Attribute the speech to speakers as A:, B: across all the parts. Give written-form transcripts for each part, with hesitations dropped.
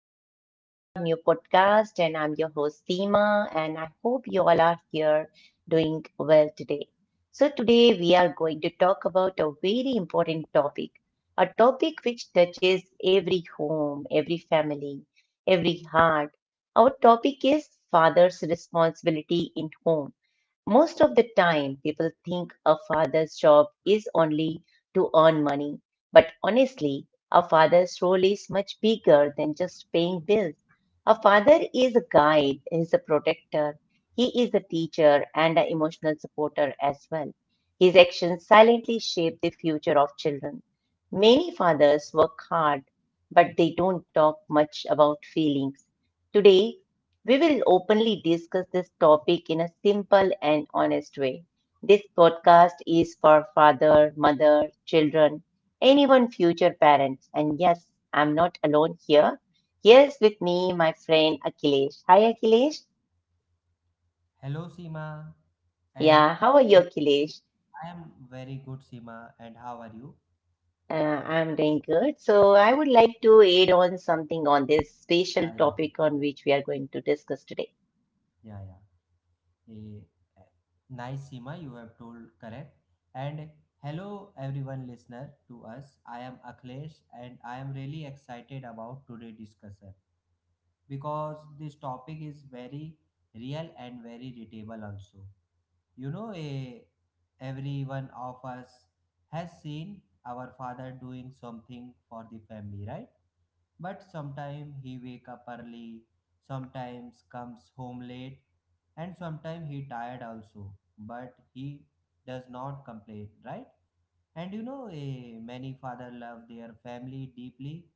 A: Welcome back to our new podcast. And I'm your host, Seema. And I hope you all are here doing well today. So, today we are going to talk about a very important topic, a topic which touches every home, every family, every heart. Our topic is father's responsibility in home. Most of the time, people think a father's job is only to earn money, but honestly, a father's role is much bigger than just paying bills. A father is a guide, he is a protector, he is a teacher, and an emotional supporter as well. His actions silently shape the future of children. Many fathers work hard, but they don't talk much about feelings. Today, we will openly discuss this topic in a simple and honest way. This podcast is for father, mother, children, anyone future parents. And yes, I'm not alone here. Here's with me my friend Akhilesh. Hi Akhilesh.
B: Hello, Seema. And
A: Yeah, how are you Akhilesh?
B: I am very good, Seema. And how are you?
A: I'm doing good. So I would like to add on something on this special
B: Yeah, yeah,
A: topic on which we are going to discuss today.
B: yeah, yeah. a Nice Seema, you have told correct. And hello everyone listener to us. I am Akhilesh and I am really excited about today's discussion because this topic is very real and very relatable also. You know, every one of us has seen our father doing something for the family, right? But sometimes he wake up early, sometimes comes home late, and sometimes he tired also, but he does not complain, right? And you know, many father love their family deeply,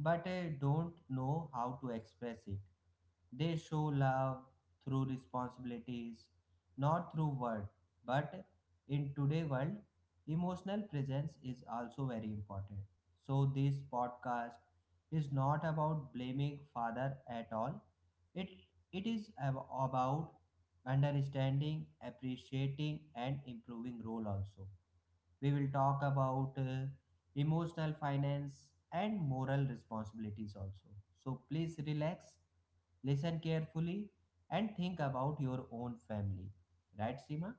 B: but I don't know how to express it. They show love through responsibilities, not through word. But in today world, emotional presence is also very important. So this podcast is not about blaming father at all. It it is about understanding, appreciating, and improving role also. We will talk about emotional finance, and moral responsibilities also. So please relax, listen carefully, and think about your own family. Right, Seema?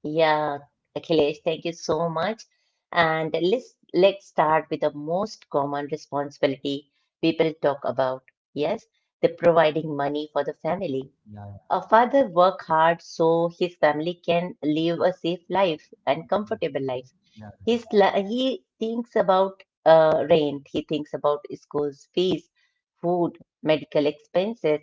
A: Yeah, Akhilesh, thank you so much. And let's start with the most common responsibility people talk about. Yes, the providing money for the family.
B: Yeah,
A: A father work hard so his family can live a safe life and comfortable life.
B: yeah, yeah,
A: He thinks about rent, he thinks about school's fees, food, medical expenses.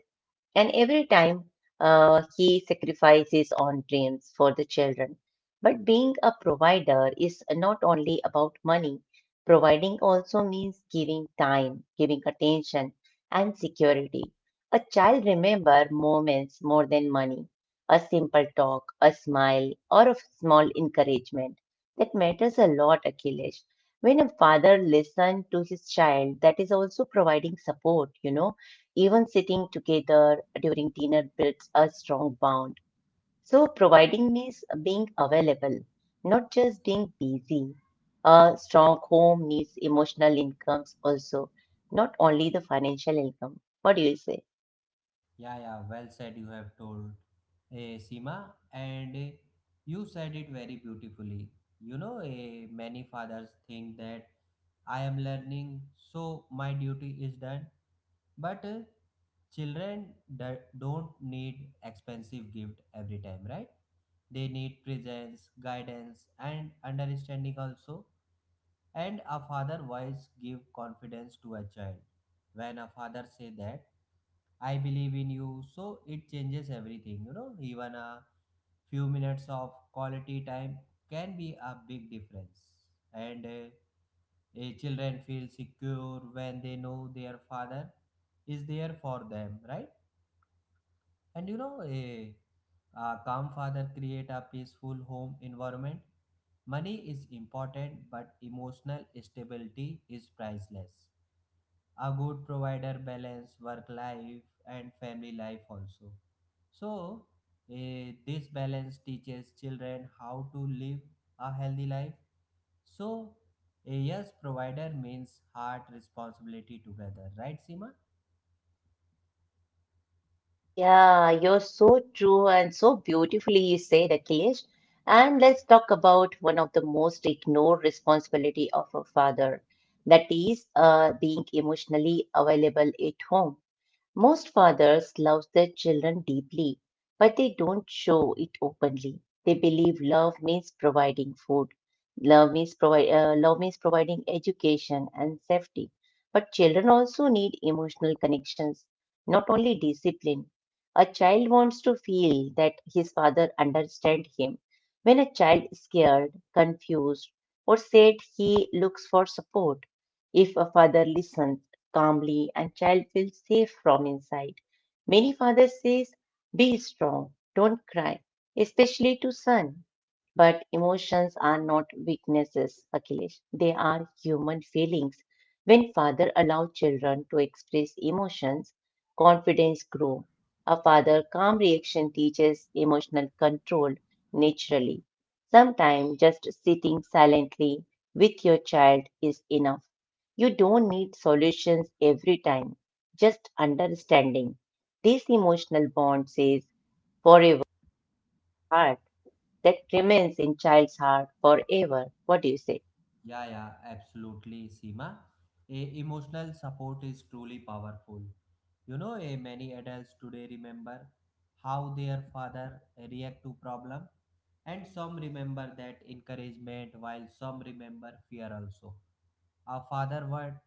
A: And every time he sacrifices on dreams for the children. But being a provider is not only about money, providing also means giving time, giving attention, and security. A child remembers moments more than money, a simple talk, a smile, or a small encouragement. That matters a lot, Akhilesh. When a father listens to his child, that is also providing support, even sitting together during dinner builds a strong bond. So,
B: yeah,
A: providing means being available, not just being busy. A strong home needs emotional incomes also, not only the financial income. What do you say?
B: yeah, yeah. Well said. You have told, Seema, and eh, you said it very beautifully. You know, many fathers think that I am learning, so my duty is done. But children don't need expensive gift every time, right? They need presence, guidance, and understanding also. And a father wise give confidence to a child. When a father say that, I believe in you, so it changes everything. You know, even a few minutes of quality time can be a big difference. And uh, Children feel secure when they know their father is there for them, right? And you know, a calm father create a peaceful home environment. Money is important, but emotional stability is priceless. A good provider balance work life and family life also. So this balance teaches children how to live a healthy life. So a yes, provider means heart responsibility together, right, Sima?
A: Yeah, you're so true and so beautifully you said, Akhilesh. And let's talk about one of the most ignored responsibility of a father, that is, being emotionally available at home. Most fathers love their children deeply, but they don't show it openly. They believe love means providing food, love means providing education and safety. But children also need emotional connections, not only discipline. A child wants to feel that his father understands him. When a child is scared, confused, or sad, he looks for support. If a father listens calmly, a child feels safe from inside. Many fathers says, "Be strong, don't cry," especially to son. But emotions are not weaknesses, Akhilesh. They are human feelings. When father allow children to express emotions, confidence grow. A father calm reaction teaches emotional control naturally. Sometimes just sitting silently with your child is enough. You don't need solutions every time, just understanding. This emotional bond says forever heart that remains in child's heart forever. What do you say?
B: Yeah, yeah, absolutely, Seema. A emotional support is truly powerful. You know, a many adults today remember how their father react to problem, and some remember that encouragement, while some remember fear also. A father word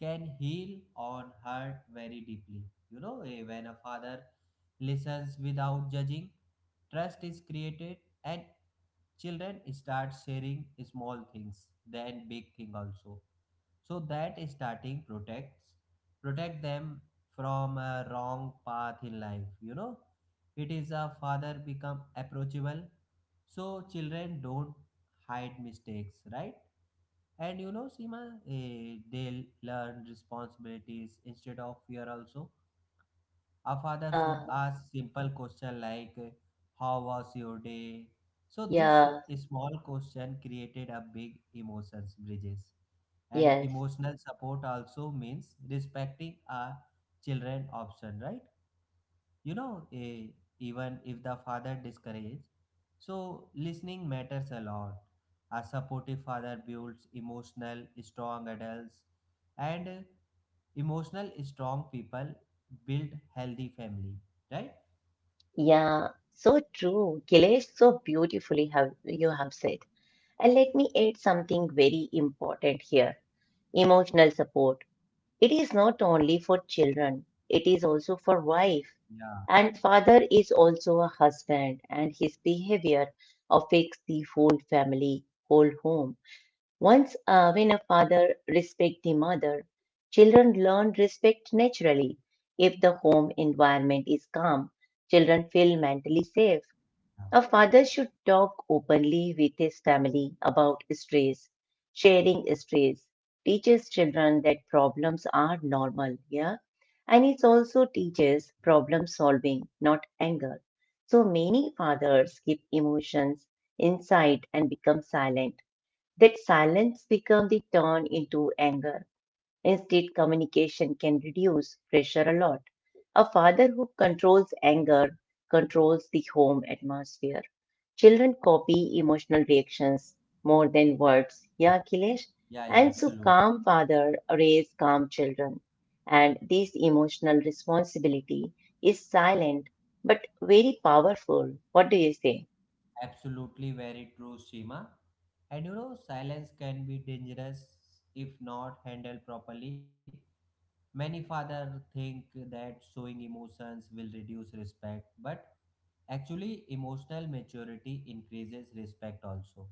B: can heal or hurt very deeply. You know, when a father listens without judging, trust is created, and children start sharing small things then big thing also. So that starting protects protect them from a wrong path in life, you know. It is a father become approachable, so children don't hide mistakes, right? And you know, Sima, they learn responsibilities instead of fear also. A father
A: Yeah,
B: should ask simple question like, how was your day? So this
A: yeah,
B: small question created a big emotions bridges. And
A: yes,
B: emotional support also means respecting a children option, right? You know, even if the father discouraged, so listening matters a lot. A supportive father builds emotional strong adults, and emotional strong people build healthy family, right?
A: yeah. So true, Kilesh, so beautifully have you have said. And let me add something very important here emotional support. It is not only for children, it is also for wife.
B: Yeah,
A: And father is also a husband, and his behavior affects the whole family, whole home. Once, when a father respects the mother, children learn respect naturally. If the home environment is calm, children feel mentally safe.
B: yeah,
A: A father should talk openly with his family about stress. Sharing stress teaches children that problems are normal, yeah? And it also teaches problem solving, not anger. So many fathers keep emotions inside and become silent. That silence becomes the turn into anger. Instead, communication can reduce pressure a lot. A father who controls anger controls the home atmosphere. Children copy emotional reactions more than words. Yeah, Kilesh?
B: yeah, yeah,
A: And so,
B: absolutely.
A: calm father raise calm children. And this emotional responsibility is silent but very powerful. What do you say?
B: Absolutely very true, Seema. And you know, silence can be dangerous if not handled properly. Many fathers think that showing emotions will reduce respect, but actually, emotional maturity increases respect also.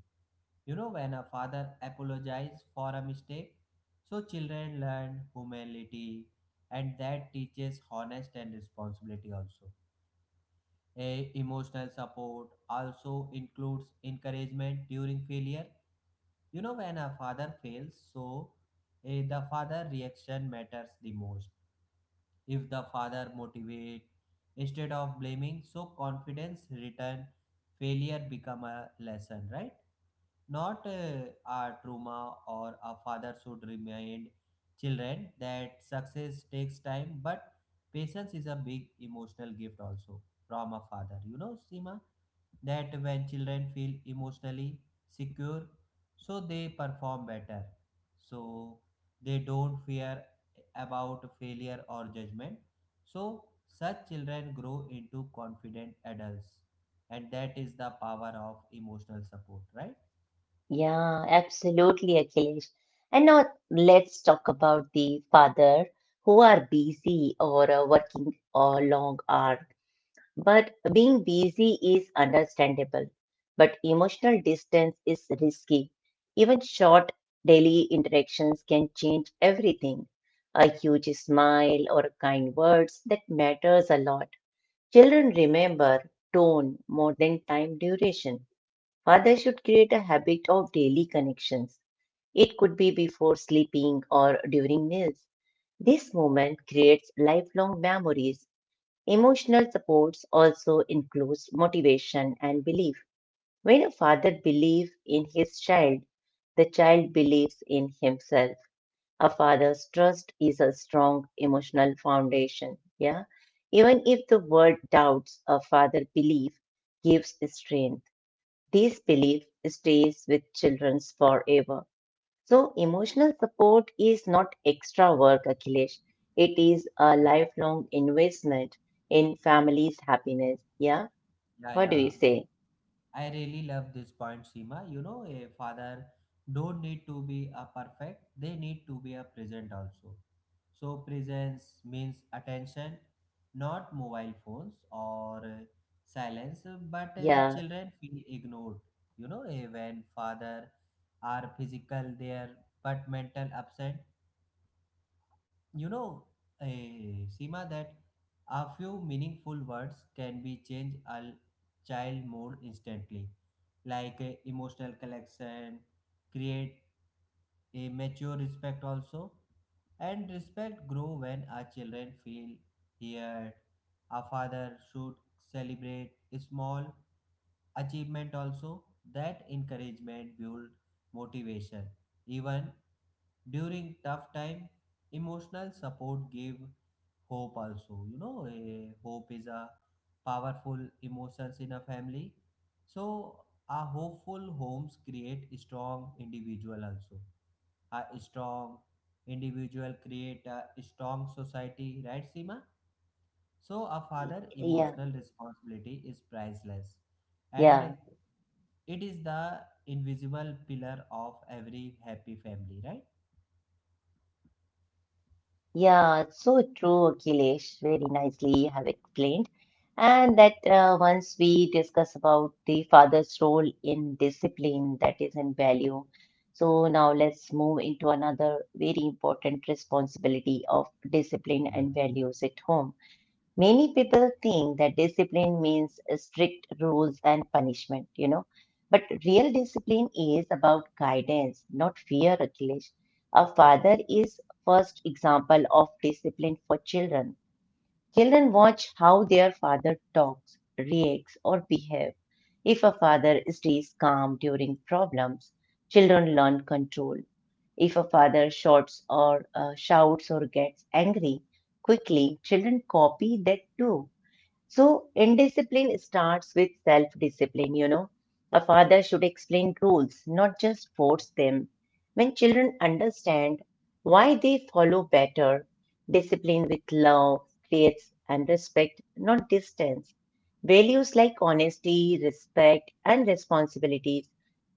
B: You know, when a father apologizes for a mistake, so children learn humility, and that teaches honest and responsibility also. A emotional support also includes encouragement during failure. You know, when a father fails, so the father reaction matters the most. If the father motivate instead of blaming, so confidence return, failure become a lesson, right? Not a trauma. Or a father should remind children that success takes time, but patience is a big emotional gift also from a father. You know, Sima, that when children feel emotionally secure, so they perform better, so they don't fear about failure or judgment. So, such children grow into confident adults, and that is the power of emotional support, right?
A: Yeah, absolutely, Akhilesh. And now let's talk about the father who are busy or working or long hour. But being busy is understandable, but emotional distance is risky. Even short daily interactions can change everything. A huge smile or kind words that matters a lot. Children remember tone more than time duration. Father should create a habit of daily connections it could be before sleeping or during meals. This moment creates lifelong memories. Emotional supports also includes motivation and belief. When a father believes in his child, the child believes in himself. A father's trust is a strong emotional foundation. Yeah. Even if the world doubts, a father belief gives strength. This belief stays with children forever. So emotional support is not extra work, Akhilesh. It is a
B: Yeah,
A: lifelong investment in family's happiness. Yeah.
B: yeah,
A: What do you
B: yeah.
A: say?
B: I really love this point, Seema. You know, a father don't need to be a perfect; they need to be a present also. So presence means attention, not mobile phones or silence. But
A: Yeah.
B: children feel ignored. You know, when father are physical there but mental absent, you know, Seema, that a few meaningful words can be change child mood instantly, like emotional connection, create a mature respect also, and respect grow when our children feel heard. A father should celebrate small achievement also. That encouragement build motivation even during tough time. Emotional support give hope also. You know, hope is a powerful emotions in a family. So a hopeful homes create strong individual also. A strong individual create a strong society, right, Sima? So a father
A: Yeah.
B: emotional responsibility is priceless, and
A: Yeah.
B: it is the invisible pillar of every happy family, right?
A: Yeah. So true, Akhilesh. Very nicely you have explained. And that once we discuss about the father's role in discipline, that is in value. So now let's move into another very important responsibility of
B: Yeah.
A: discipline and values at home. Many people think that discipline means strict rules and punishment, but real discipline is about guidance, not fear, Akhilesh. A father is first example of discipline for children. Children watch how their father talks, reacts, or behaves. If a father stays calm during problems, children learn control. If a father shouts or gets angry quickly, children copy that too. So, indiscipline starts with self discipline. A father should explain rules, not just force them. When children understand why they follow better, discipline with love, creates and respect, not distance. Values like honesty, respect, and responsibilities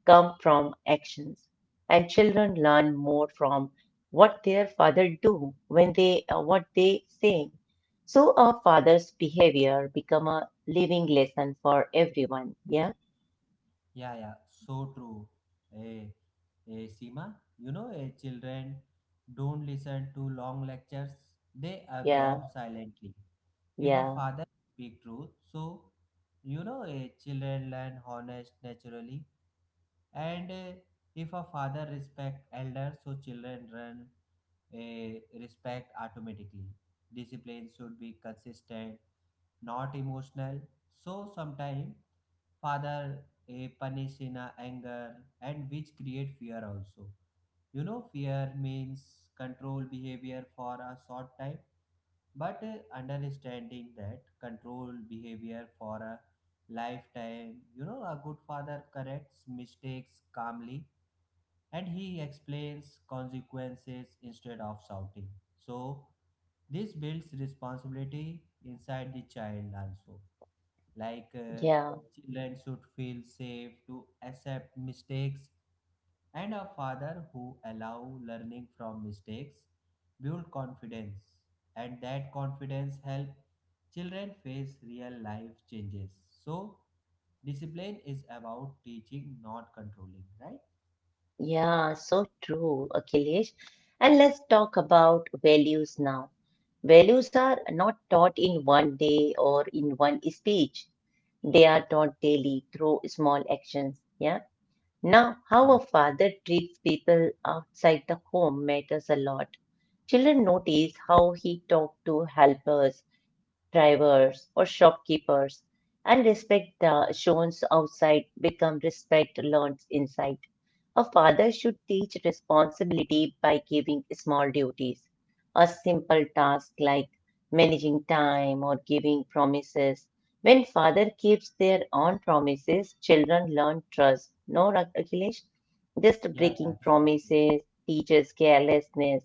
A: come from actions, and children learn more from what their father do when they what they say. So a father's behavior become a living lesson for everyone. Yeah,
B: Yeah, yeah, so true. Eh, Seema, you know, children don't listen to long lectures, they
A: yeah,
B: absorb silently. If a
A: yeah,
B: father speak truth, so you know, children learn honest naturally, and if a father respect elders, so children learn a respect automatically. Discipline should be consistent, not emotional. So sometimes father a punish in a anger and which create fear also. You know, fear means control behavior for a short time, but understanding that control behavior for a lifetime. You know, a good father corrects mistakes calmly and he explains consequences instead of shouting. So, this builds responsibility inside the child also. Like, uh,
A: yeah,
B: Children should feel safe to accept mistakes, and a father who allow learning from mistakes build confidence, and that confidence help children face real life changes. So, discipline is about teaching, not controlling, right?
A: yeah. So true, Akhilesh. And let's talk about values now. Values are not taught in one day or in one speech. They are taught daily through small actions. Yeah. Now,
B: Yeah,
A: how a father treats people outside the home matters a lot. Children notice how he talks to helpers, drivers or shopkeepers, and respect shown outside become respect learned inside. A father should teach responsibility by giving small duties, a simple task like managing time or giving promises. When father keeps their own promises, children learn trust. No, Akhilesh, just
B: yeah, yeah,
A: breaking
B: absolutely.
A: promises teaches carelessness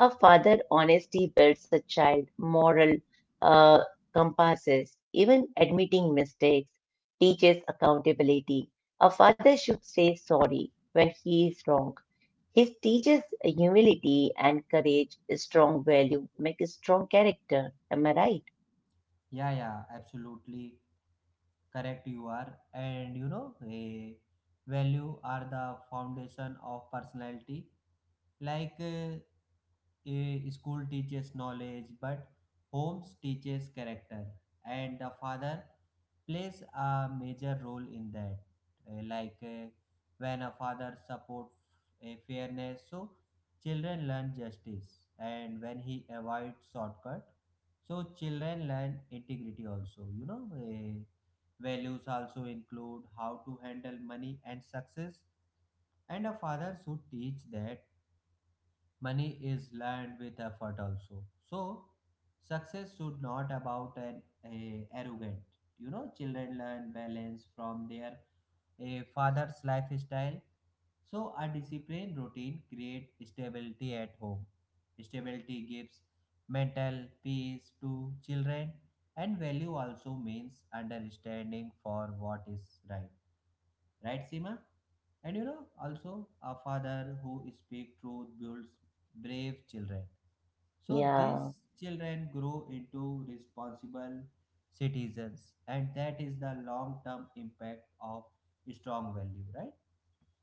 A: a father' honesty builds a child moral uh, compasses. Even admitting mistakes teaches accountability. A father should say sorry when he is wrong. He teaches humility and courage, strong value, make a strong character. Am I right?
B: Yeah, yeah, absolutely correct you are. And you know, a value are the foundation of personality. like uh, a school teaches knowledge, but homes teaches character, and the father plays a major role in that. Uh, like uh, when a father support a fairness, so children learn justice, and when he avoids shortcut, so children learn integrity also. You know, values also include how to handle money and success, and a father should teach that money is learned with effort also. So, success should not about an a arrogant. You know, children learn balance from their a father's lifestyle. So, a disciplined routine create stability at home. Stability gives mental peace to children, and value also means understanding for what is right, right Seema? And you know, also a father who speak truth builds brave children. So these
A: Yeah.
B: children grow into responsible citizens, and that is the long-term impact of strong value, right?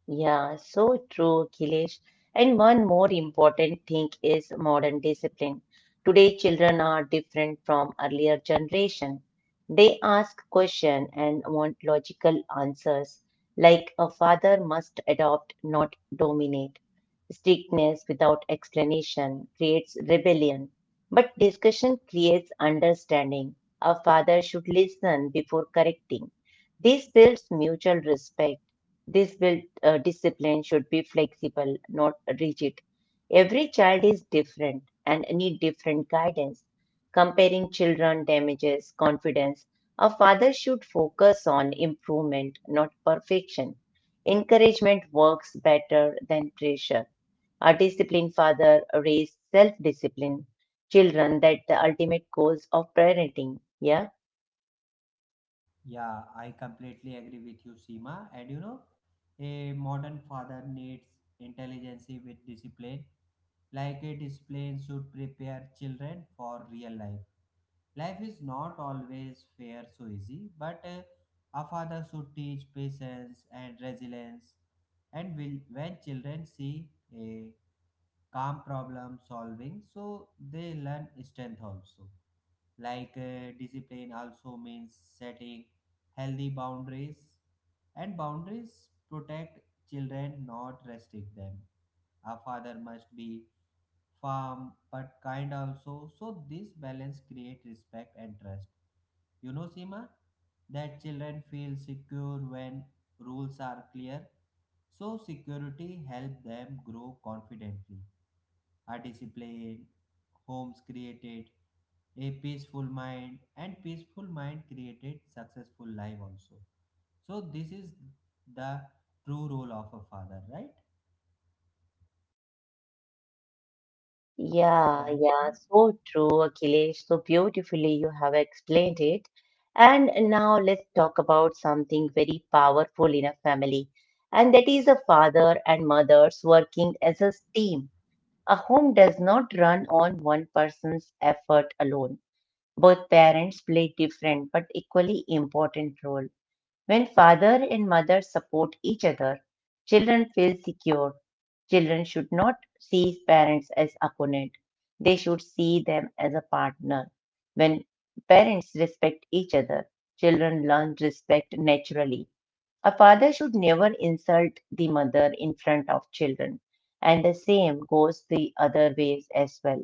A: Yeah, so true, Kilesh. And one more important thing is modern discipline. Today, children are different from earlier generation. They ask questions and want logical answers, like a father must adopt, not dominate. Strictness without explanation creates rebellion, but discussion creates understanding. A father should listen before correcting. This builds mutual respect. This built Discipline should be flexible, not rigid. Every child is different and need different guidance. Comparing children damages confidence. A father should focus on improvement, not perfection. Encouragement works better than pressure. A disciplined father raises self-discipline. Children, that the ultimate goals of parenting. Yeah.
B: Yeah, I completely agree with you, Seema. And you know, a modern father needs intelligence with discipline, like a display should prepare children for real life. Life is not always fair so easy, but a father should teach patience and resilience. And will, when children see a calm problem solving, so they learn strength also. Discipline also means setting healthy boundaries, and boundaries protect children, not restrict them. A father must be firm but kind also. So this balance create respect and trust. You know, Sima, that children feel secure when rules are clear. So security help them grow confidently. A disciplined homes created a peaceful mind, and peaceful mind created successful life also. So this is the true role of a father, right?
A: Yeah,
B: Right,
A: yeah,
B: Seema?
A: so true, Akhilesh. So beautifully you have explained it. And now let's talk about something very powerful in a family, and that is a father and mothers working as a team. A home does not run on one person's effort alone. Both parents play different but equally important role. When father and mother support each other, children feel secure. Children should not see parents as opponents they should see them as a partner. When parents respect each other, children learn respect naturally. A father should never insult the mother in front of children, and the same goes the other ways as well.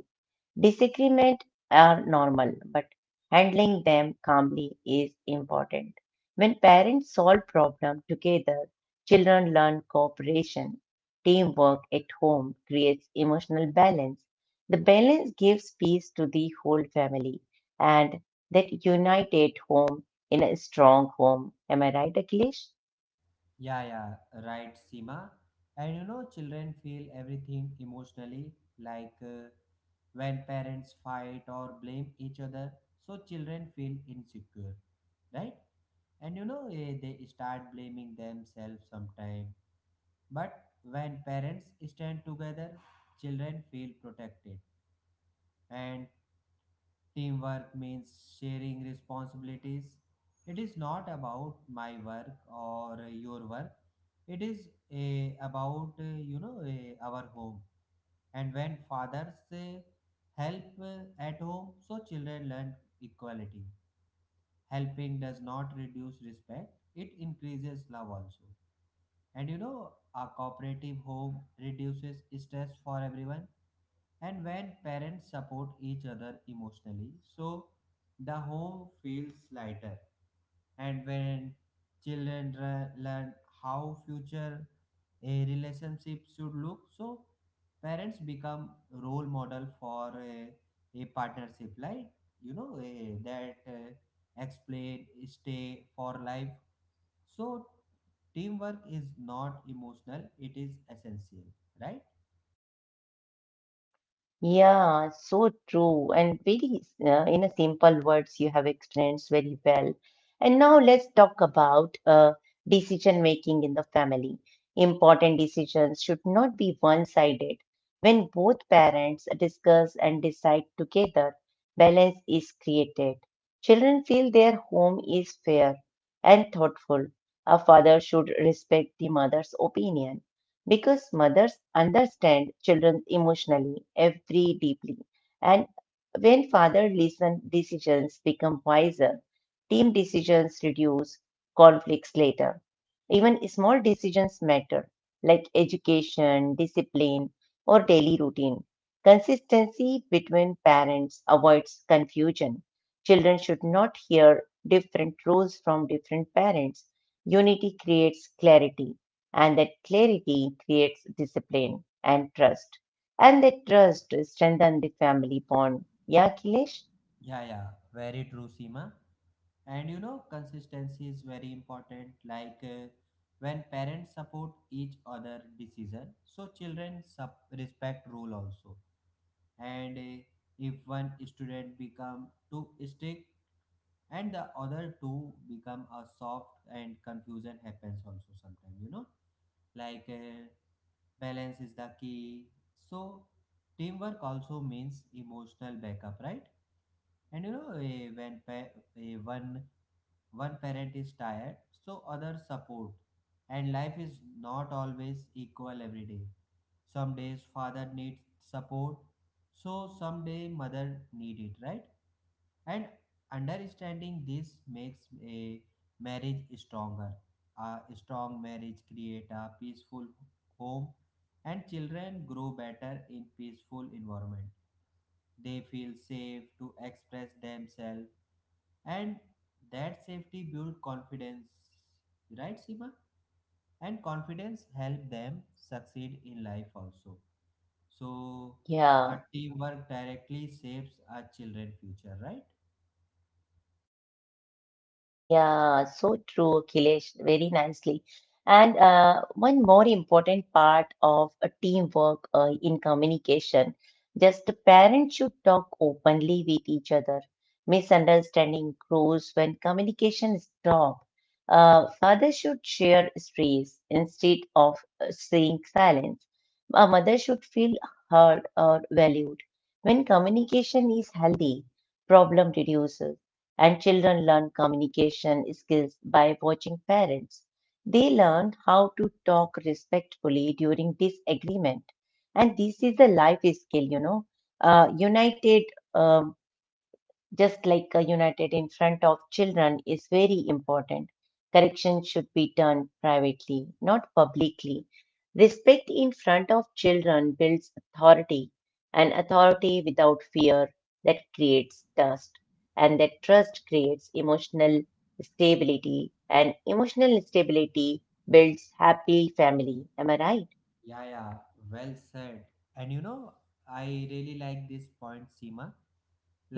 A: Disagreements are normal, but handling them calmly is important. When parents solve problems together, children learn cooperation. Teamwork at home creates emotional balance. The balance gives peace to the whole family, and that united home in a strong home. Am I right, Akhilesh?
B: Yeah, yeah, right, Seema. And you know, children feel everything emotionally, like uh, when parents fight or blame each other. So, children feel insecure, right? And you know, they start blaming themselves sometime. But when parents stand together, children feel protected. And teamwork means sharing responsibilities. It is not about my work or your work. It is about you know our home. And when fathers help at home, so children learn equality. Helping does not reduce respect; it increases love also. And you know, a cooperative home reduces stress for everyone. And when parents support each other emotionally, so the home feels lighter. And when children learn how future a relationship should look, so parents become role model for a partnership. Like you know a, that explain stay for life. So teamwork is not emotional, it is essential, right?
A: Yeah, so true. And very, in a simple words, you have explained very well. And now let's talk about decision making in the family. Important decisions should not be one-sided. When both parents discuss and decide together, balance is created. Children feel their home is fair and thoughtful. A father should respect the mother's opinion because mothers understand children emotionally every deeply and when father listen decisions become wiser team decisions reduce conflicts later even small decisions matter like education discipline or daily routine consistency between parents avoids confusion children should not hear different rules from different parents unity creates clarity and that clarity creates discipline and trust, and that trust strengthens the family bond. Yeah, Kilesh?
B: Yeah, yeah, very true, Sima. And you know consistency is very important, when parents support each other decision so children respect rule also. And if one student become too strict and the other two become a soft, and confusion happens also sometimes, you know. like uh, Balance is the key. So teamwork also means emotional backup, right? And you know, when eh, one one parent is tired, so others support. And life is not always equal every day. Some days father needs support, so some day mother need it, right? And understanding this makes a marriage stronger. A strong marriage create a peaceful home, and children grow better in peaceful environment. They feel safe to express themselves, and that safety build confidence, right, Sima? And confidence help them succeed in life also, so a
A: Yeah.
B: teamwork directly saves our children future, right?
A: Yeah, so true, Akhilesh, very nicely. And One more important part of a teamwork in communication, just the parents should talk openly with each other. Misunderstanding grows when communication is strong. Fathers should share space instead of saying silence. A mother should feel heard or valued. When communication is healthy, problem reduces and children learn communication skills by watching parents. They learn how to talk respectfully during disagreement. And this is a life skill. United uh, just like united in front of children is very important. Correction should be done privately, not publicly. Respect in front of children builds authority, and authority without fear that creates trust, and that trust creates emotional stability, and emotional stability builds happy family. Am I right?
B: Yeah, yeah, well said. And you know, I really like this point, Sima.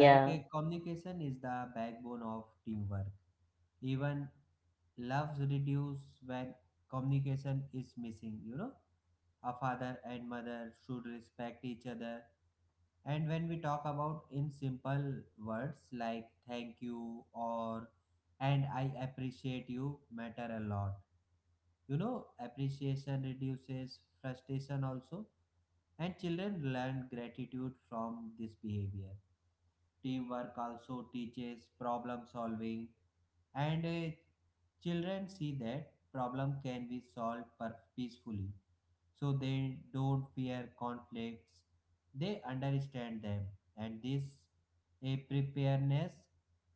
B: Like communication is the backbone of teamwork. Even loves reduce when communication is missing. A father and mother should respect each other. And when we talk about in simple words like thank you or and I appreciate you matter a lot. You know, appreciation reduces frustration also, and children learn gratitude from this behavior. Teamwork also teaches problem solving, and children see that problem can be solved peacefully. So they don't fear conflicts, they understand them, and this a preparedness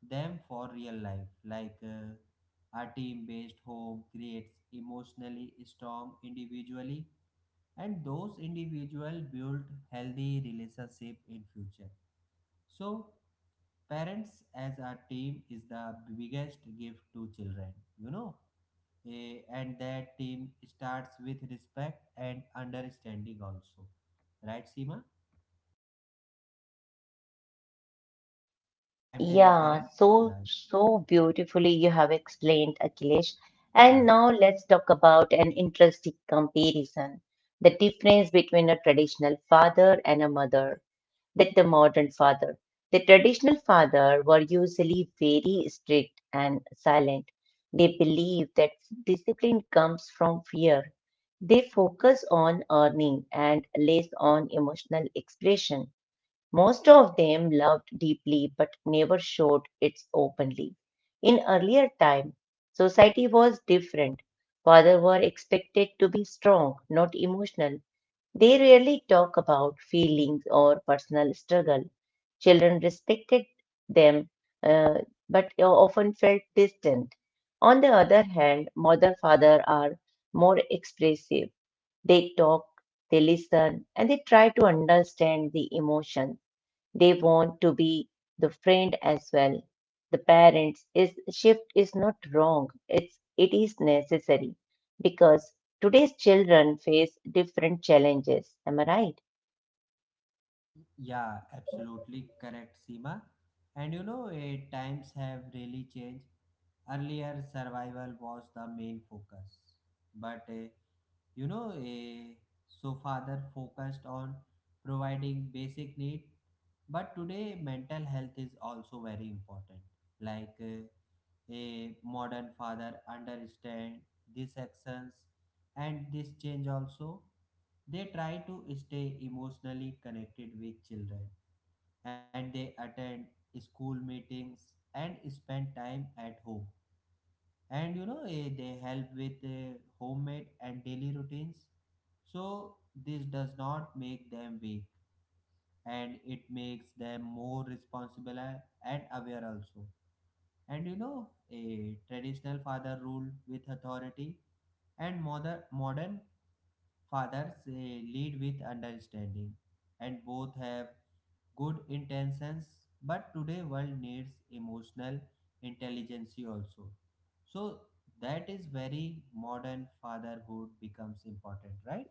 B: them for real life. Like a team based home creates emotionally strong individually, and those individual build healthy relationship in future. So parents as a team is the biggest gift to children. Eh, and that team starts with respect and understanding also, right, Seema? I am telling
A: Yeah,
B: correct?
A: so
B: Yeah,
A: so beautifully you have explained, Akhilesh.
B: yeah,
A: And now let's talk about an interesting comparison, the difference between a traditional father and a mother, that the modern father. The traditional father were usually very strict and silent. They believe that discipline comes from fear. They focus on earning and less on emotional expression. Most of them loved deeply but never showed it openly. In earlier time, society was different. Fathers were expected to be strong, not emotional. They rarely talk about feelings or personal struggle. Children respected them, uh, but often felt distant. On the other hand, mother father are more expressive. They talk, they listen, and they try to understand the emotions. They want to be the friend as well. The parents is shift is not wrong. It is necessary because today's children face different challenges. Am I right?
B: yeah, absolutely correct, Seema. And you know, times have really changed. Earlier, survival was the main focus, but you know eh, so father focused on providing basic need, but today mental health is also very important. Like a modern father understand these actions and this change also. They try to stay emotionally connected with children, and they attend school meetings and spend time at home. And they help with homemade and daily routines. So this does not make them weak, and it makes them more responsible and aware also. And you know, a traditional father ruled with authority, and modern fathers lead with understanding, and both have good intentions, but today world needs emotional intelligence also. So that is very modern fatherhood becomes important, right?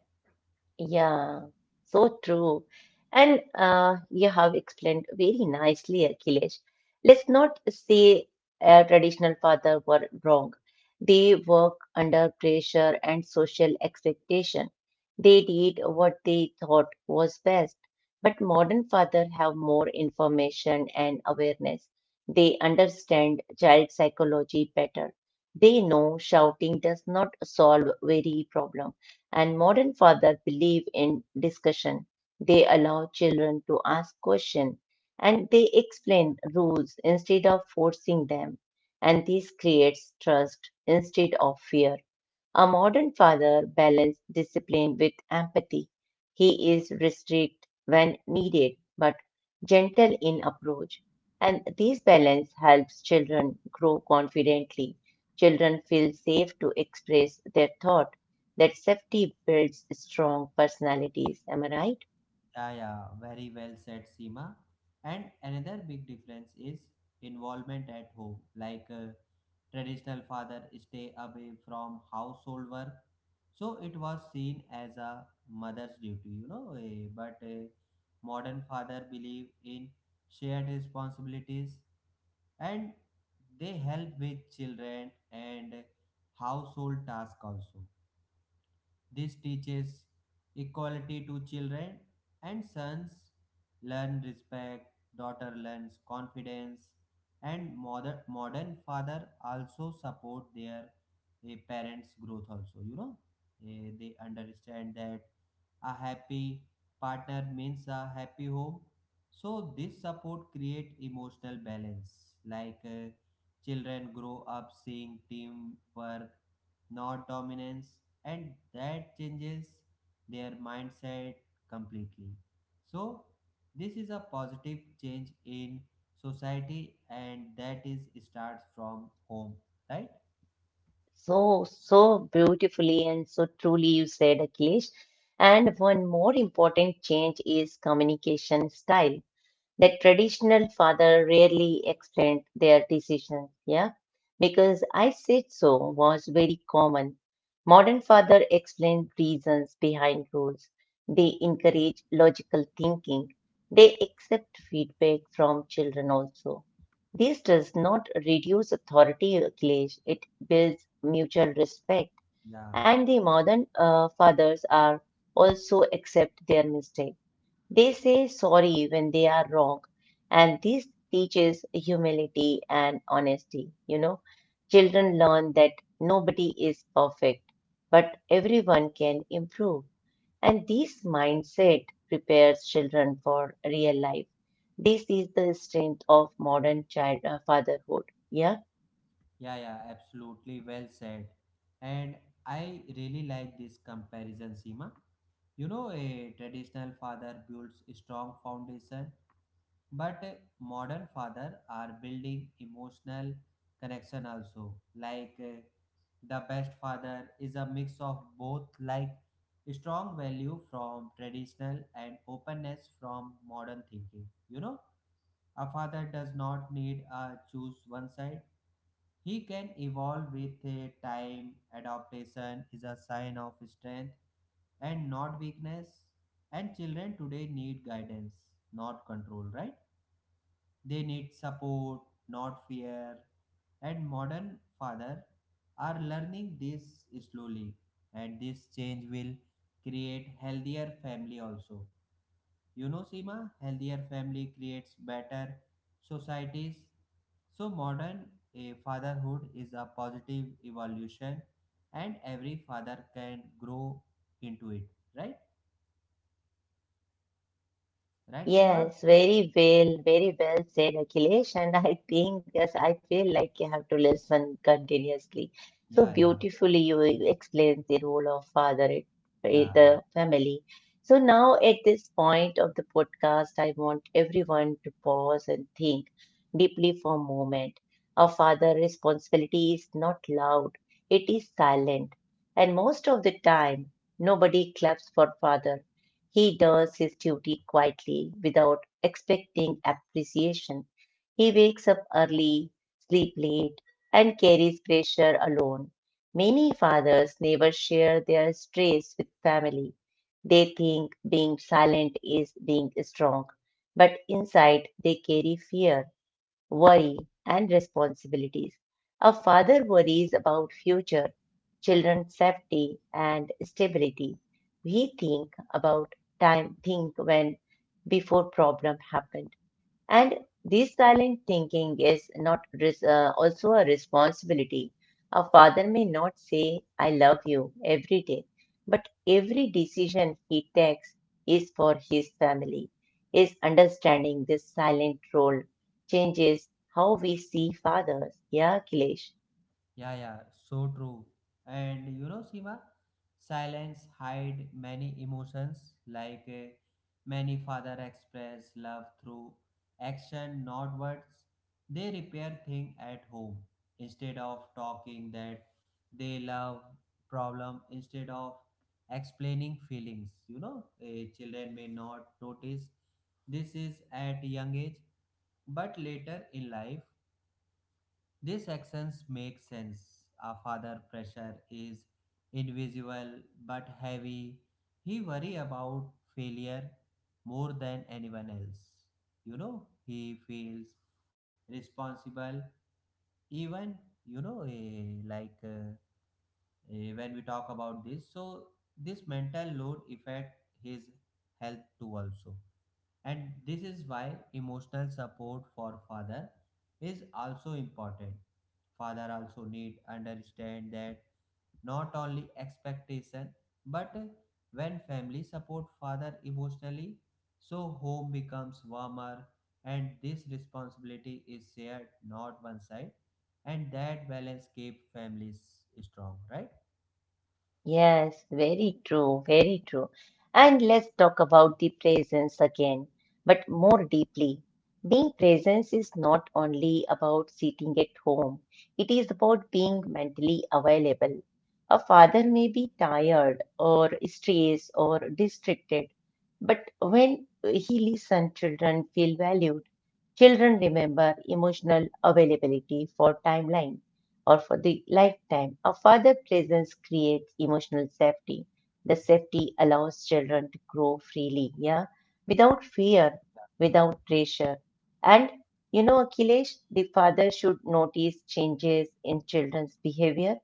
A: Yeah, so true. And you have explained very nicely, Akhilesh. Let's not say traditional father were wrong. They work under pressure and social expectation. They did what they thought was best. But modern father have more information and awareness. They understand child psychology better. They know shouting does not solve very problem and modern fathers believe in discussion. They allow children to ask questions and they explain rules instead of forcing them. And this creates trust instead of fear. A modern father balances discipline with empathy. He is restrict when needed, but gentle in approach. And this balance helps children grow confidently. Children feel safe to express their thought. That safety builds strong personalities. Am I right?
B: Yeah, yeah, very well said, Seema. And another big difference is involvement at home. Like traditional father stay away from household work, so it was seen as a mother's duty. But modern father believe in shared responsibilities, and they help with children and household task also. This teaches equality to children, and sons learn respect, daughter learns confidence, and modern father also support their parents' growth also. You know, eh, they understand that a happy partner means a happy home. So this support create emotional balance. Like children grow up seeing teamwork, not dominance, and that changes their mindset completely. So this is a positive change in society, and that is starts from home, right?
A: So, so beautifully and so truly you said, Akhilesh. And one more important change is communication style. The traditional father rarely explained their decision, yeah, because I said so was very common. Modern father explain reasons behind rules. They encourage logical thinking. They accept feedback from children also. This does not reduce authority, clash. It builds mutual respect.
B: Yeah,
A: And the modern fathers are also accept their mistakes. They say sorry when they are wrong, and this teaches humility and honesty. You know children learn that nobody is perfect, but everyone can improve. And this mindset prepares children for real life. This is the strength of modern child fatherhood. Yeah.
B: yeah, yeah, absolutely well said. And I really like this comparison, Seema. You know, a traditional father builds a strong foundation, but a modern father are building emotional connection also, like the best father is a mix of both, like strong value from traditional and openness from modern thinking. You know, a father does not need choose one side. He can evolve with time. Adaptation is a sign of strength and not weakness. And children today need guidance, not control, right? They need support, not fear. And modern fathers are learning this slowly, and this change will create healthier family also. You know, Seema, healthier family creates better societies. So modern fatherhood is a positive evolution, and every father can grow into it. Right? Right, Seema?
A: Yes, very well, very well said, Akhilesh. And I think, yes, I feel like you have to listen continuously. So
B: Yeah, yeah,
A: beautifully, you explained the role of father in
B: yeah.
A: the family. So now, at this point of the podcast, I want everyone to pause and think deeply for a moment. A father responsibility is not loud, it is silent. And most of the time, nobody claps for father. He does his duty quietly without expecting appreciation. He wakes up early, sleeps late, and carries pressure alone. Many fathers never share their stress with family. They think being silent is being strong, but inside they carry fear, worry, and responsibilities. A father worries about future, children's safety, and stability we think about time think when before problem happened and this silent thinking is not also a responsibility. A father may not say I love you every day, but every decision he takes is for his family. Is understanding this silent role changes how we see fathers, yeah, Kilesh?
B: Yeah, yeah, so true. And you know, Seema, silence hide many emotions. Like many father express love through action, not words. They repair thing at home instead of talking that they love problem instead of explaining feelings. You know, children may not notice this is at young age, but later in life these actions make sense. A father pressure is invisible but heavy. He worry about failure more than anyone else. You know, he feels responsible even, you know eh, like when we talk about this, so this mental load affect his health too also, and this is why emotional support for father is also important. Father also need understand that not only expectation but when family support father emotionally, so home becomes warmer, and this responsibility is shared, not one side, and that balance keep families strong, right?
A: Yes, very true, very true. And let's talk about the presence again, but more deeply. Being presence is not only about sitting at home, it is about being mentally available. A father may be tired or stressed or distracted, but when he listens, children feel valued. Children remember emotional availability for timeline or for the lifetime. A father presence creates emotional safety. The safety allows children to grow freely, yeah, without fear, without pressure. And You know, Akhilesh, the father should notice changes in children's behavior,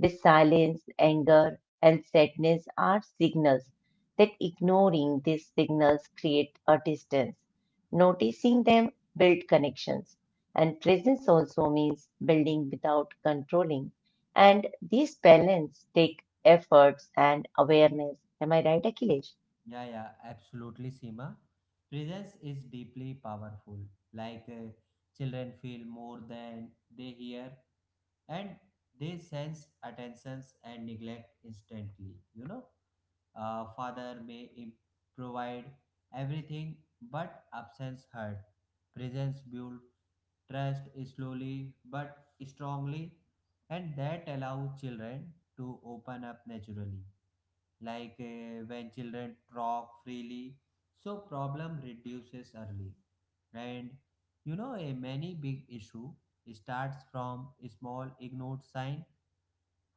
A: this silence, anger, and sadness are signals that ignoring these signals create a distance. Noticing them build connections, and presence also means building without controlling. And this balance take efforts and awareness. Am I right, Akhilesh?
B: Yeah, yeah, absolutely, Seema. Presence is deeply powerful. Like children feel more than they hear, and they sense attentions and neglect instantly. You know, father may provide everything, but absence hurt. Presence build trust slowly but strongly, and that allows children to open up naturally. Like when children talk freely, so problem reduces early. And you know, a many big issue starts from a small ignored sign.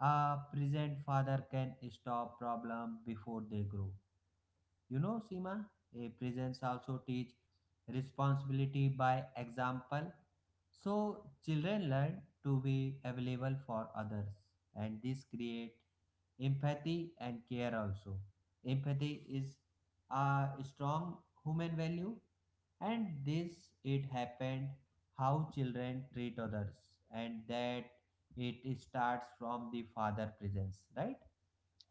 B: A present father can stop problem before they grow. You know, Seema, a presence also teach responsibility by example. So children learn to be available for others, and this create empathy and care also. Empathy is a strong human value, and this it happened how children treat others, and that it starts from the father presence, right?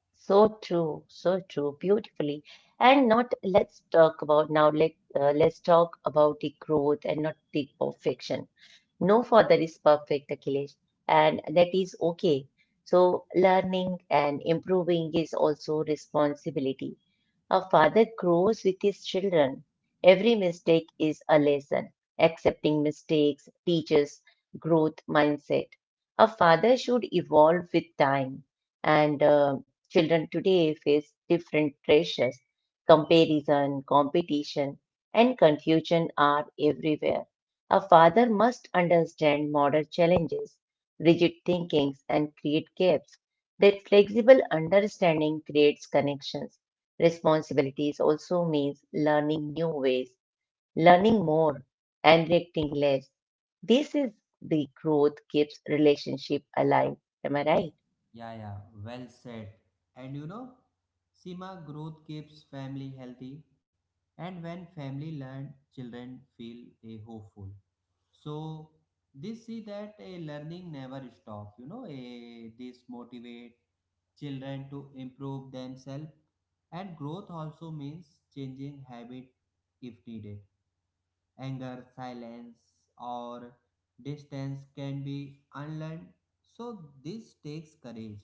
A: So so true, beautifully. And not let's talk about let's talk about the growth and not the perfection. No father is perfect, Akhilesh, and that is okay. So, learning and improving is also responsibility. A father grows with his children. Every mistake is a lesson. Accepting mistakes teaches growth mindset. A father should evolve with time and children today face different pressures. Comparison, competition, and confusion are everywhere. A father must understand modern challenges, rigid thinkings, and create gaps. That flexible understanding creates connections. Responsibilities also means learning new ways, learning more, and reacting less. This is the growth keeps relationship alive. Am I right?
B: Yeah, yeah, well said. And you know, Sima, growth keeps family healthy, and when family learn, children feel a hopeful. So they see that a learning never stop. You know, a this motivate children to improve themselves, and growth also means changing habit if needed. Anger, silence, or distance can be unlearned. So this takes courage.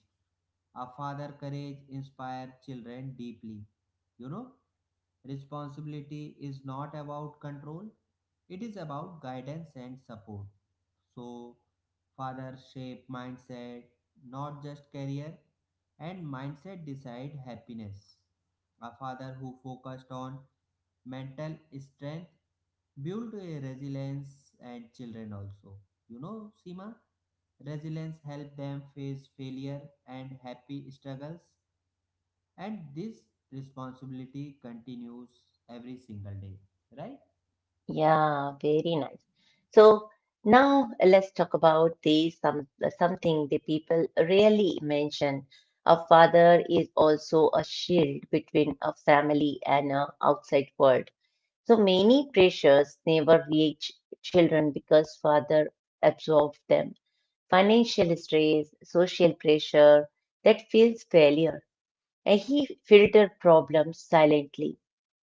B: A father courage inspire children deeply. You know, responsibility is not about control, it is about guidance and support. So father shape mindset, not just career, and mindset decide happiness. A father who focused on mental strength build a resilience and children also. You know, Sima, resilience help them face failure and happy struggles, and this responsibility continues every single day, right?
A: Yeah, very nice. So now let's talk about the something the people rarely mention. A father is also a shield between a family and a outside world. So many pressures never reach children because father absorbs them. Financial stress, social pressure that feels failure. And he filtered problems silently.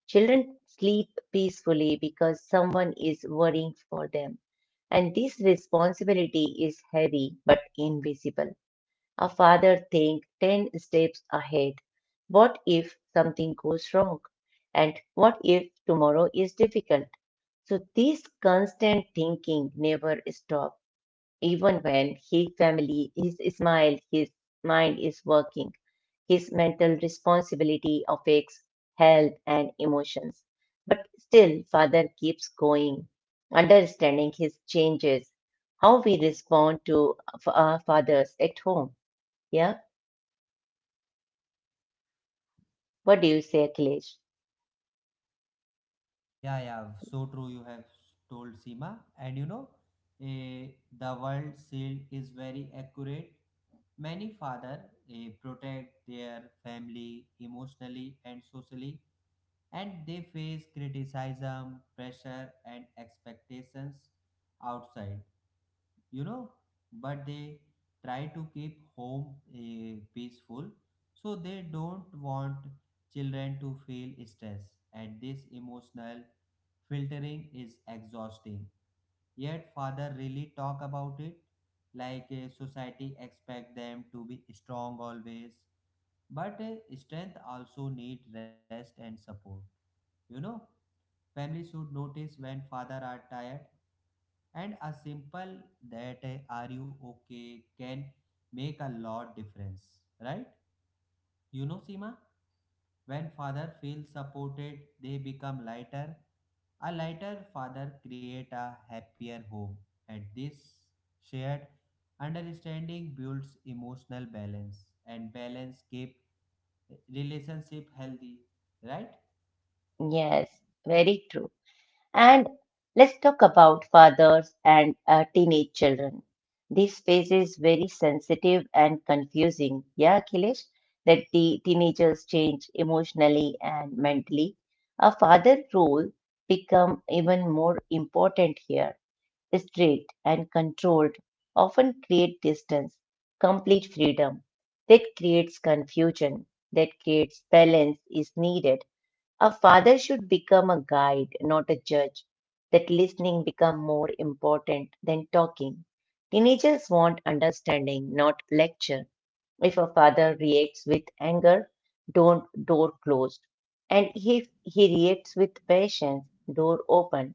A: Children sleep peacefully because someone is worrying for them. And this responsibility is heavy but invisible. A father thinks 10 steps ahead. What if something goes wrong? And what if tomorrow is difficult? So this constant thinking never stops. Even when his family, his smile, his mind is working his mental responsibility affects health and emotions. But still, father keeps going, understanding his changes, how we respond to our fathers at home. Yeah, what do you say, Akhilesh?
B: Yeah, yeah, so true you have told, Sima. And you know, eh, the world shield is very accurate. Many father protect their family emotionally and socially, and they face criticism, pressure, and expectations outside, you know. But they try to keep home peaceful, so they don't want children to feel stress, and this emotional filtering is exhausting. Yet, father really talk about it. Like society expect them to be strong always, but strength also need rest and support. You know, family should notice when father are tired, and a simple that are you okay can make a lot difference, right? You know, Sima, when father feel supported, they become lighter. A lighter father create a happier home, and this shared understanding builds emotional balance, and balance keep relationship healthy, right?
A: Yes, very true. And let's talk about fathers and teenage children. This phase is very sensitive and confusing. Yeah, Akhilesh, that the teenagers change emotionally and mentally. A father role become even more important here. Strict and controlled often create distance, complete freedom. That creates confusion. That creates balance is needed. A father should become a guide, not a judge. That listening become more important than talking. Teenagers want understanding, not lecture. If a father reacts with anger, don't door closed. And if he reacts with patience, door open.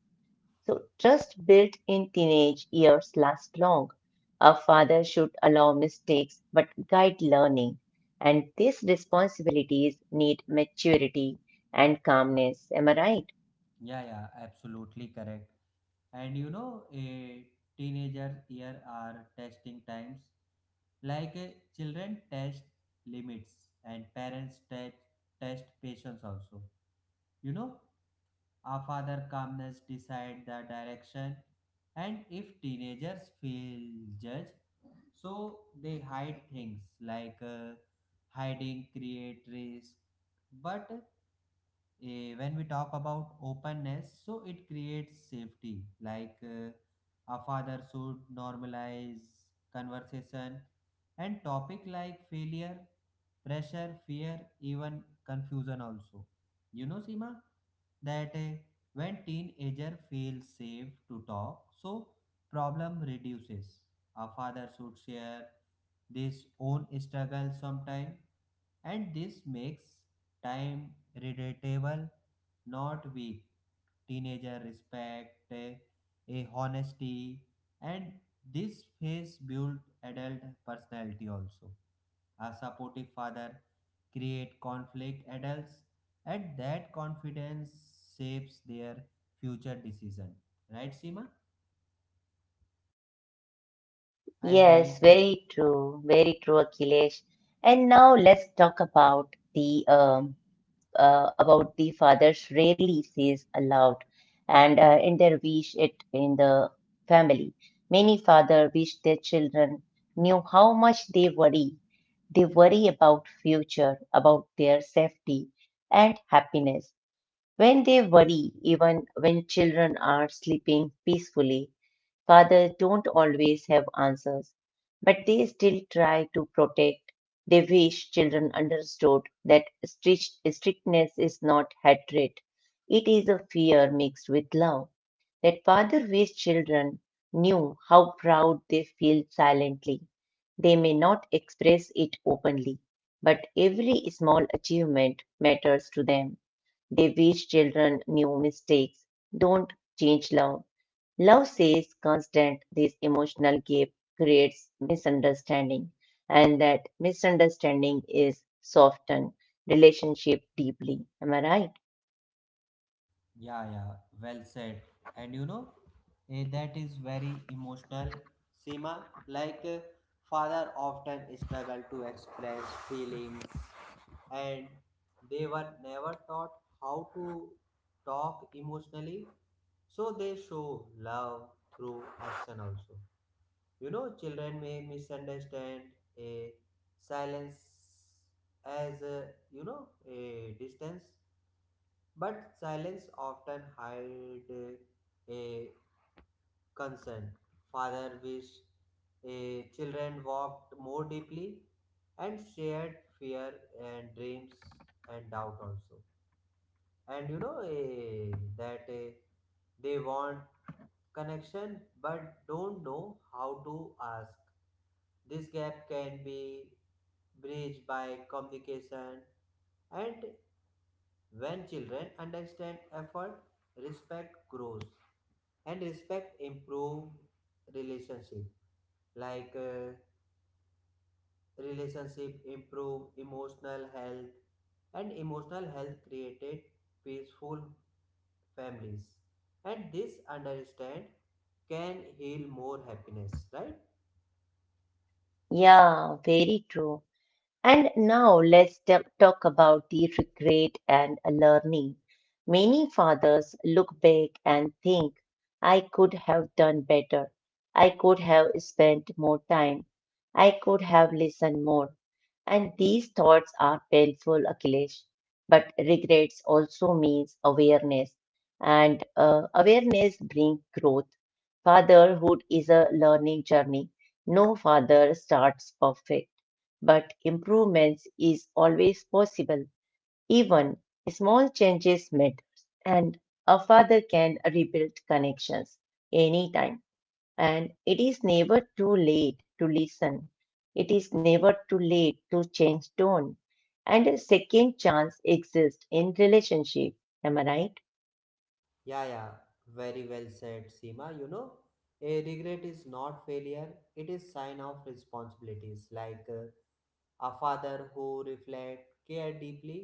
A: So trust built in teenage years lasts long. A father should allow mistakes but guide learning. And these responsibilities need maturity and calmness. Am I right?
B: Yeah, yeah, absolutely correct. And you know, a teenager here are testing times. Like children test limits, and parents test patience also. You know, a father calmness decide the direction, and if teenagers feel judged, so they hide things. Like hiding create risk, but when we talk about openness, so it creates safety. Like a father should normalize conversation and topic like failure, pressure, fear, even confusion also. You know, Sima, that when teenager feels safe to talk, so problem reduces. A father should share this own struggle sometime, and this makes time relatable, not weak. Teenager respect, a honesty, and this phase build adult personality also. A supportive father create conflict adults, and that confidence shapes their future decision. Right, Sima? I am telling.
A: Yes, very true. Very true, Akhilesh. And now let's talk about the fathers rarely says aloud, and in their wish it in the family. Many fathers wish their children knew how much they worry. They worry about future, about their safety and happiness. When they worry, even when children are sleeping peacefully, fathers don't always have answers, but they still try to protect. They wish children understood that strictness is not hatred, it is a fear mixed with love. That father wish children knew how proud they feel silently. They may not express it openly, but every small achievement matters to them. They wish children knew mistakes. Don't change love. Love says constant. This emotional gap creates misunderstanding, and that misunderstanding is softened relationship deeply. Am I right?
B: Yeah, yeah, well said. And you know, that is very emotional, Seema. Like father often struggle to express feelings, and they were never taught how to talk emotionally, so they show love through action also. You know, children may misunderstand a silence as a, you know, a distance, but silence often hide a concern. Father wish children walked more deeply and shared fear and dreams and doubt also. And that they want connection but don't know how to ask. This gap can be bridged by communication, and when children understand effort, respect grows, and respect improve relationship. Like relationship improve emotional health, and emotional health created peaceful families, and this understand can heal more happiness, right?
A: Yeah, very true. And now let's talk about the regret and learning. Many fathers look back and think, I could have done better. I could have spent more time. I could have listened more. And these thoughts are painful, Akhilesh. But regrets also means awareness. And awareness brings growth. Fatherhood is a learning journey. No father starts perfect but improvements is always possible. Even small changes matters, and a father can rebuild connections anytime. And it is never too late to listen. It is never too late to change tone. And a second chance exists in relationship. Am I right?
B: Yeah, yeah, very well said, Sima. You know, a regret is not failure, it is sign of responsibilities. Like a father who reflects, care deeply,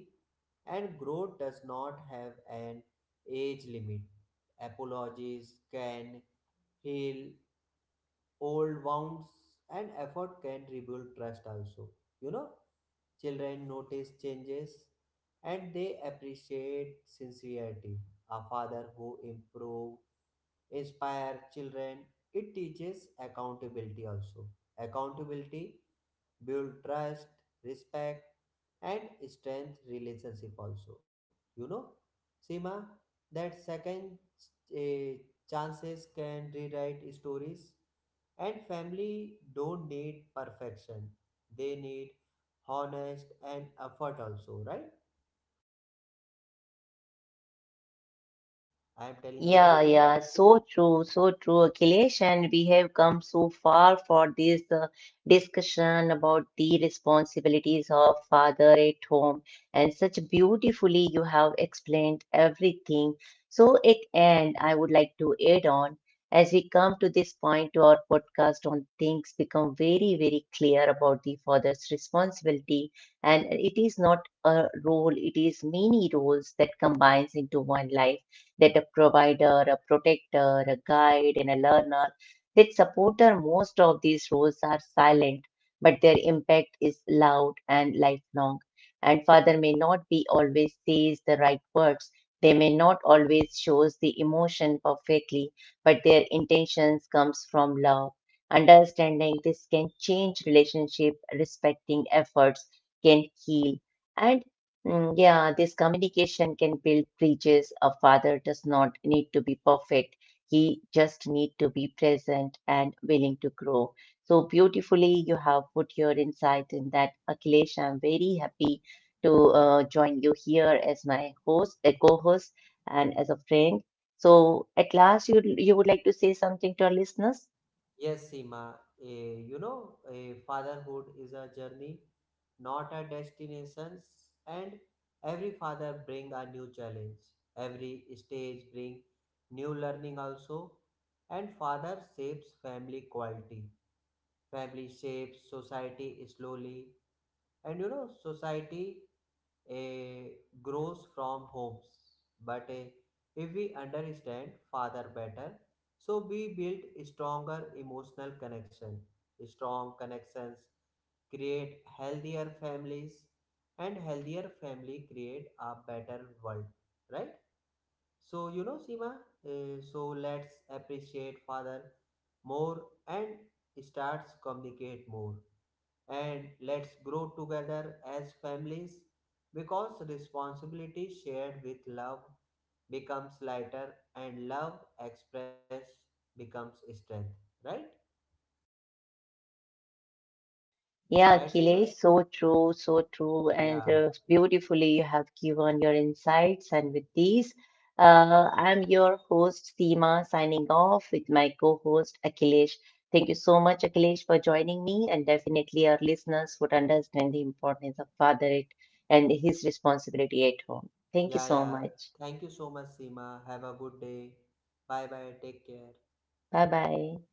B: and growth does not have an age limit. Apologies can heal old wounds, and effort can rebuild trust also. You know, children notice changes, and they appreciate sincerity. A father who improve inspire children. It teaches accountability also. Accountability build trust, respect, and strength relationship also. You know, Sima, that second eh, chances can rewrite stories. And family don't need perfection. They need honest and effort also, right? I am telling
A: Yeah,
B: correct, Seema?
A: yeah, so true, Akhilesh. And we have come so far for this discussion about the responsibilities of father at home. And such beautifully you have explained everything. So at end, I would like to add on as we come to this point to our podcast on things become very, very clear about the father's responsibility. And it is not a role, it is many roles that combines into one life that a provider, a protector, a guide, and a learner that supporter most of these roles are silent, but their impact is loud and lifelong. And father may not be always says the right words. They may not always shows the emotion perfectly, but their intentions comes from love. Understanding this can change relationship, respecting efforts can heal. And Mm, yeah, this communication can build bridges. A father does not need to be perfect. He just need to be present and willing to grow. So beautifully, you have put your insight in that. Akhilesh, I'm very happy to join you here as my host, a co-host, and as a friend. So at last, you would like to say something to our listeners?
B: Yes, Seema. A, you know, a fatherhood is a journey, not a destination. And every father bring a new challenge. Every stage bring new learning also. And father shapes family quality. Family shapes society slowly. And you know, society eh, grows from homes. But if we understand father better, so we build stronger emotional connection. Strong connections create healthier families, and healthier family create a better world. Right? So you know, Sima, so let's appreciate father more and starts communicate more, and let's grow together as families, because responsibility shared with love becomes lighter, and love expressed becomes strength, right?
A: Yeah,
B: Right, seema
A: Akhilesh, so true, so true. And
B: yeah,
A: beautifully, you have given your insights. And with these, I'm your host, Seema, signing off with my co-host, Akhilesh. Thank you so much, Akhilesh, for joining me. And definitely, our listeners would understand the importance of fatherhood and his responsibility at home. Thank you
B: yeah,
A: so
B: yeah,
A: much.
B: thank you so much, seema have a good day. Bye bye, take care.
A: Bye bye.